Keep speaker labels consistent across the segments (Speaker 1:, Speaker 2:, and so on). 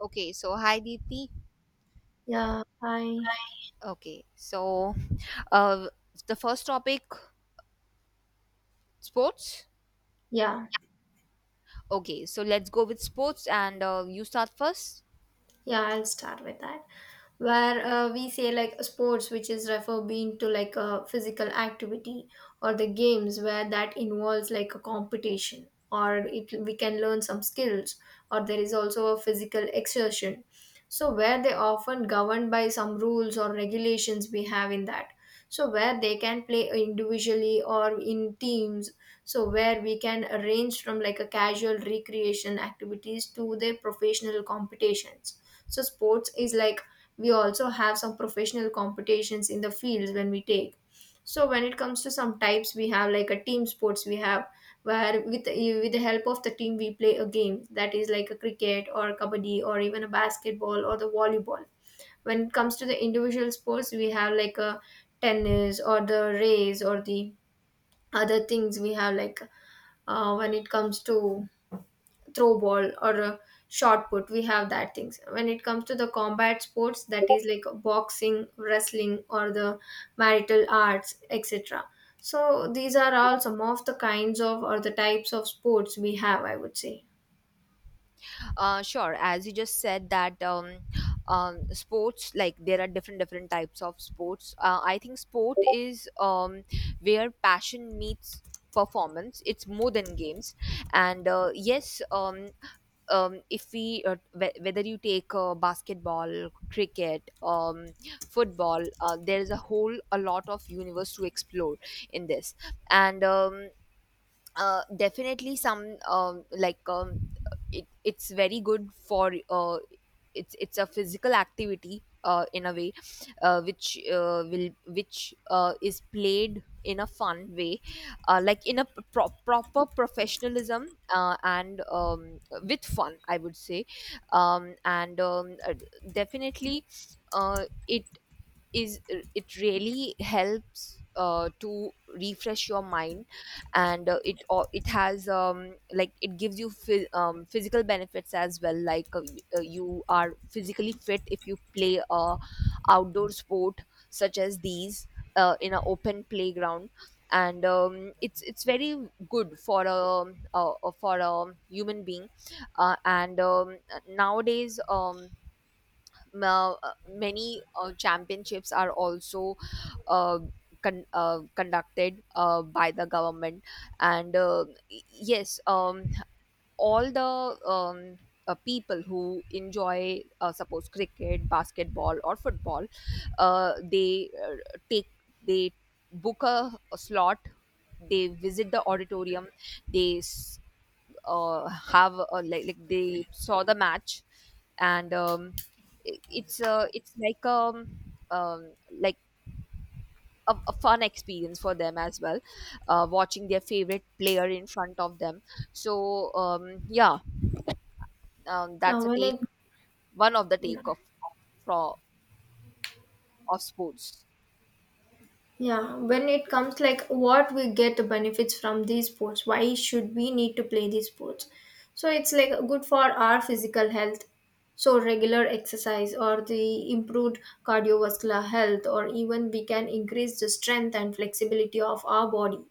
Speaker 1: Okay, so hi Deepti.
Speaker 2: Yeah, hi.
Speaker 1: Okay, so uh, the first topic sports.
Speaker 2: Yeah,
Speaker 1: Okay, so let's go with sports and you start first.
Speaker 2: Yeah, I'll start with that. Where we say like sports, which is refer being to like a physical activity, or the games where that involves like a competition, or it we can learn some skills, or there is also a physical exertion. So where they often governed by some rules or regulations we have in that. So where they can play individually or in teams. So where we can arrange from like a casual recreation activities to their professional competitions, so sports is like we also have some professional competitions in the fields when we take. So when it comes to some types, we have like a team sports we have, where with the help of the team we play a game that is like a cricket or kabaddi or even a basketball or the volleyball. When it comes to the individual sports, we have like a tennis or the race or the other things we have like, when it comes to throw ball or a shot put, we have that things. When it comes to the combat sports, that is like boxing, wrestling, or the marital arts, etc. So these are all some of the kinds of or the types of sports we have, I would say.
Speaker 1: Sure, as you just said that sports, like there are different types of sports. I think sport is where passion meets performance. It's more than games, and yes, if we whether you take basketball cricket football, there is a whole a lot of universe to explore in this, and definitely some it's very good for it's a physical activity in a way which will which is played in a fun way, like in a proper professionalism, and with fun I would say. And Definitely it is, it really helps to refresh your mind, and it, or it has, like it gives you physical benefits as well. Like you are physically fit if you play a outdoor sport such as these, in an open playground, and it's very good for a for a human being. And Nowadays, many championships are also uh, conducted by the government, and yes, all the people who enjoy suppose cricket basketball or football, they take they book a slot, they visit the auditorium, they s- have a, like they saw the match, and it's like a fun experience for them as well, watching their favorite player in front of them. So yeah.
Speaker 2: Now
Speaker 1: That's a
Speaker 2: when
Speaker 1: take, one of the take
Speaker 2: it
Speaker 1: of, fro- of sports.
Speaker 2: Yeah, when it comes like what we get the benefits from these sports, why should we need to play these sports? So it's like good for our physical health. So regular exercise or the improved cardiovascular health, or even we can increase the strength and flexibility of our body.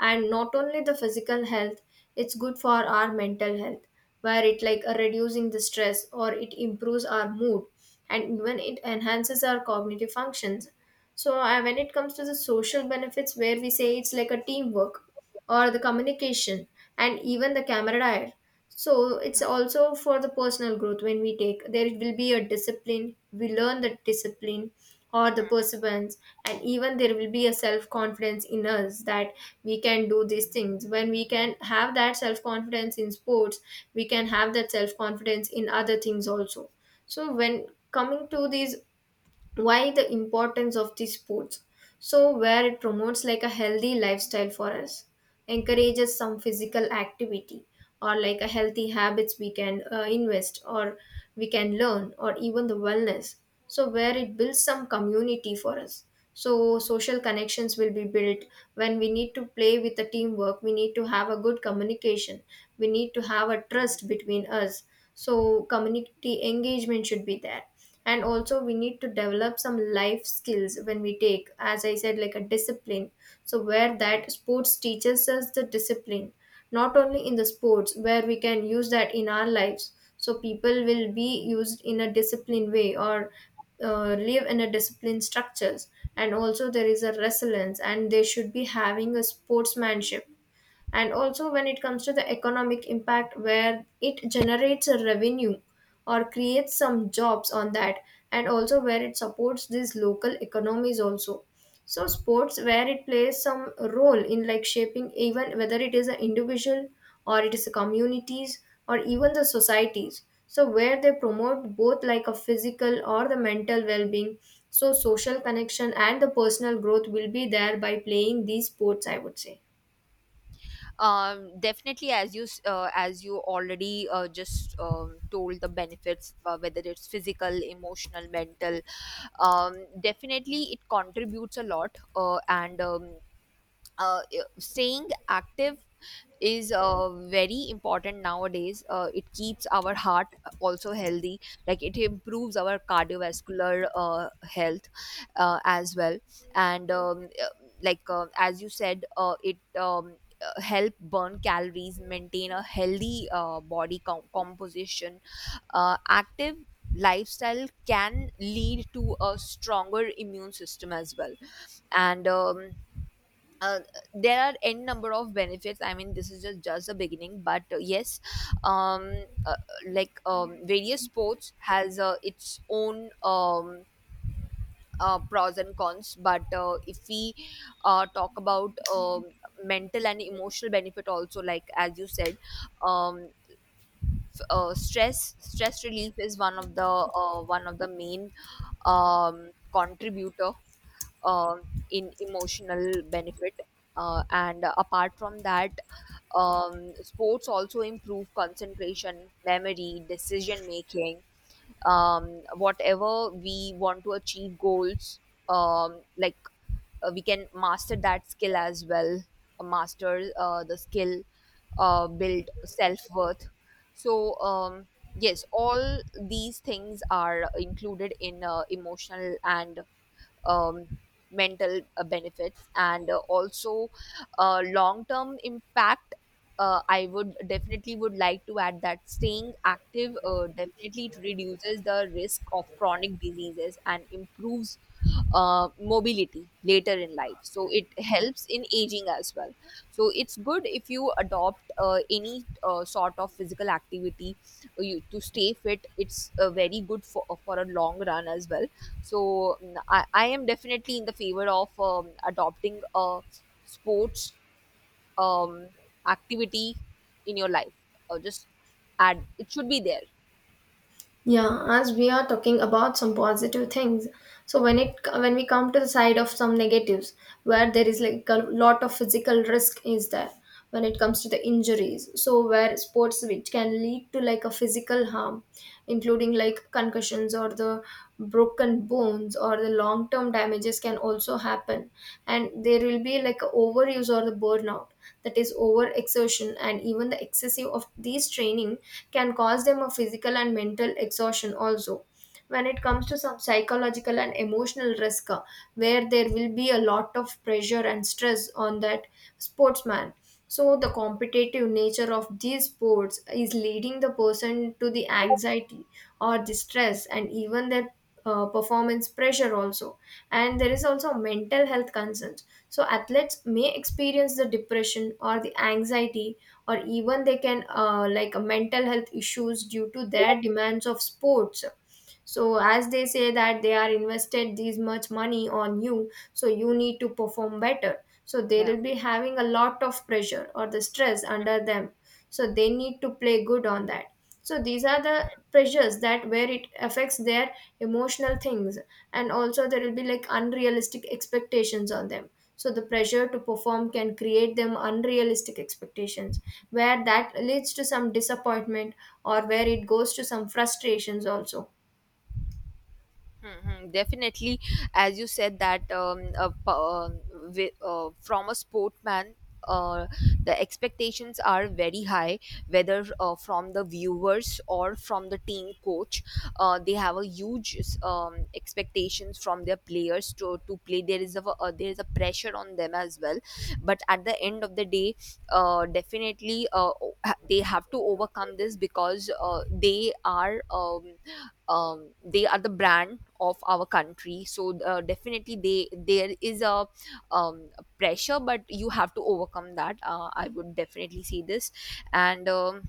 Speaker 2: And not only the physical health, it's good for our mental health, where it like reducing the stress or it improves our mood, and even it enhances our cognitive functions. So when it comes to the social benefits, where we say it's like a teamwork or the communication and even the camaraderie. So it's also for the personal growth when we take. There will be a discipline, we learn the discipline or the perseverance, and even there will be a self confidence in us that we can do these things. When we can have that self confidence in sports, we can have that self confidence in other things also. So when coming to these, why the importance of these sports, so where it promotes like a healthy lifestyle for us, encourages some physical activity or like a healthy habits we can invest or we can learn, or even the wellness. So where it builds some community for us, so social connections will be built. When we need to play with the teamwork, we need to have a good communication, we need to have a trust between us, so community engagement should be there. And also we need to develop some life skills when we take, as I said, like a discipline. So where that sports teaches us the discipline, not only in the sports where we can use that in our lives, so people will be used in a disciplined way, or live in a disciplined structures. And also there is a resilience and they should be having a sportsmanship. And also when it comes to the economic impact, where it generates a revenue or creates some jobs on that, and also where it supports these local economies also. So sports, where it plays some role in like shaping, even whether it is an individual or it is a communities or even the societies, so where they promote both like a physical or the mental well-being. So social connection and the personal growth will be there by playing these sports, I would say.
Speaker 1: Definitely, as you as you already just told the benefits, whether it's physical emotional mental. Definitely it contributes a lot, and uh, staying active is very important nowadays. It keeps our heart also healthy, like it improves our cardiovascular health as well. And as you said, it help burn calories, maintain a healthy body composition. Active lifestyle can lead to a stronger immune system as well. And uh, there are n number of benefits, I mean this is just the beginning, but yes. um uh, Various sports has its own pros and cons, but if we talk about mental and emotional benefit also, like as you said, um stress relief is one of the main um contributor um in emotional benefit. And apart from that, sports also improve concentration memory decision making. Whatever we want to achieve goals, um, like we can master that skill as well, master the skill, build self-worth. So yes, all these things are included in emotional and um, mental benefits. And also long term impact, I would definitely would like to add that staying active, definitely it reduces the risk of chronic diseases and improves mobility later in life, so it helps in aging as well. So it's good if you adopt any sort of physical activity, you to stay fit. It's very good for a long run as well. So I am definitely in the favor of adopting a sports um, activity in your life, or just add, it should be there.
Speaker 2: Yeah, as we are talking about some positive things, so when it when we come to the side of some negatives, where there is like a lot of physical risk is there when it comes to the injuries. So where sports which can lead to like a physical harm, including like concussions or the broken bones or the long term damages can also happen, and there will be like a overuse or the burnout, that is overexertion, and even the excessive of these training can cause them a physical and mental exhaustion also. When it comes to some psychological and emotional risk, where there will be a lot of pressure and stress on that sportsman. So the competitive nature of these sports is leading the person to the anxiety or the stress, and even their performance pressure also. And there is also mental health concerns, so athletes may experience the depression or the anxiety, or even they can mental health issues due to their demands of sports. So as they say that they are invested this much money on you, so you need to perform better, so they
Speaker 1: Yeah.
Speaker 2: will be having a lot of pressure or the stress under them, so they need to play good on that. So these are the pressures that where it affects their emotional things. And also there will be like unrealistic expectations on them, so the pressure to perform can create them unrealistic expectations, where that leads to some disappointment or where it goes to some frustrations also.
Speaker 1: Mhm. Definitely, as you said that from a sportman, uh, the expectations are very high, whether from the viewers or from the team coach. They have a huge expectations from their players to play. There is a pressure on them as well. But at the end of the day, definitely they have to overcome this, because they are. They are the brand of our country, so definitely they There is a um, pressure, but you have to overcome that, I would definitely see this. And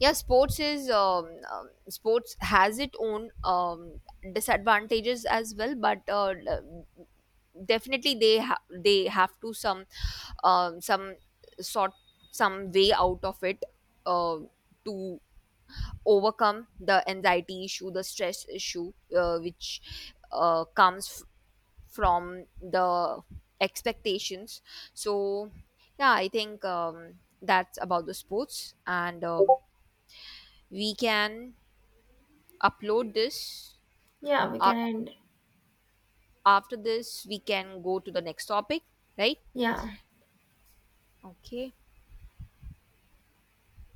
Speaker 1: yeah, sports is sports has its own disadvantages as well, but definitely they they have to some sort, some way out of it uh, to overcome the anxiety issue, the stress issue, which uh, comes f- from the expectations. So yeah, I think that's about the sports, and we can upload this.
Speaker 2: Yeah, we can
Speaker 1: Af-
Speaker 2: end.
Speaker 1: After this we can go to the next topic, right?
Speaker 2: Yeah.
Speaker 1: Okay.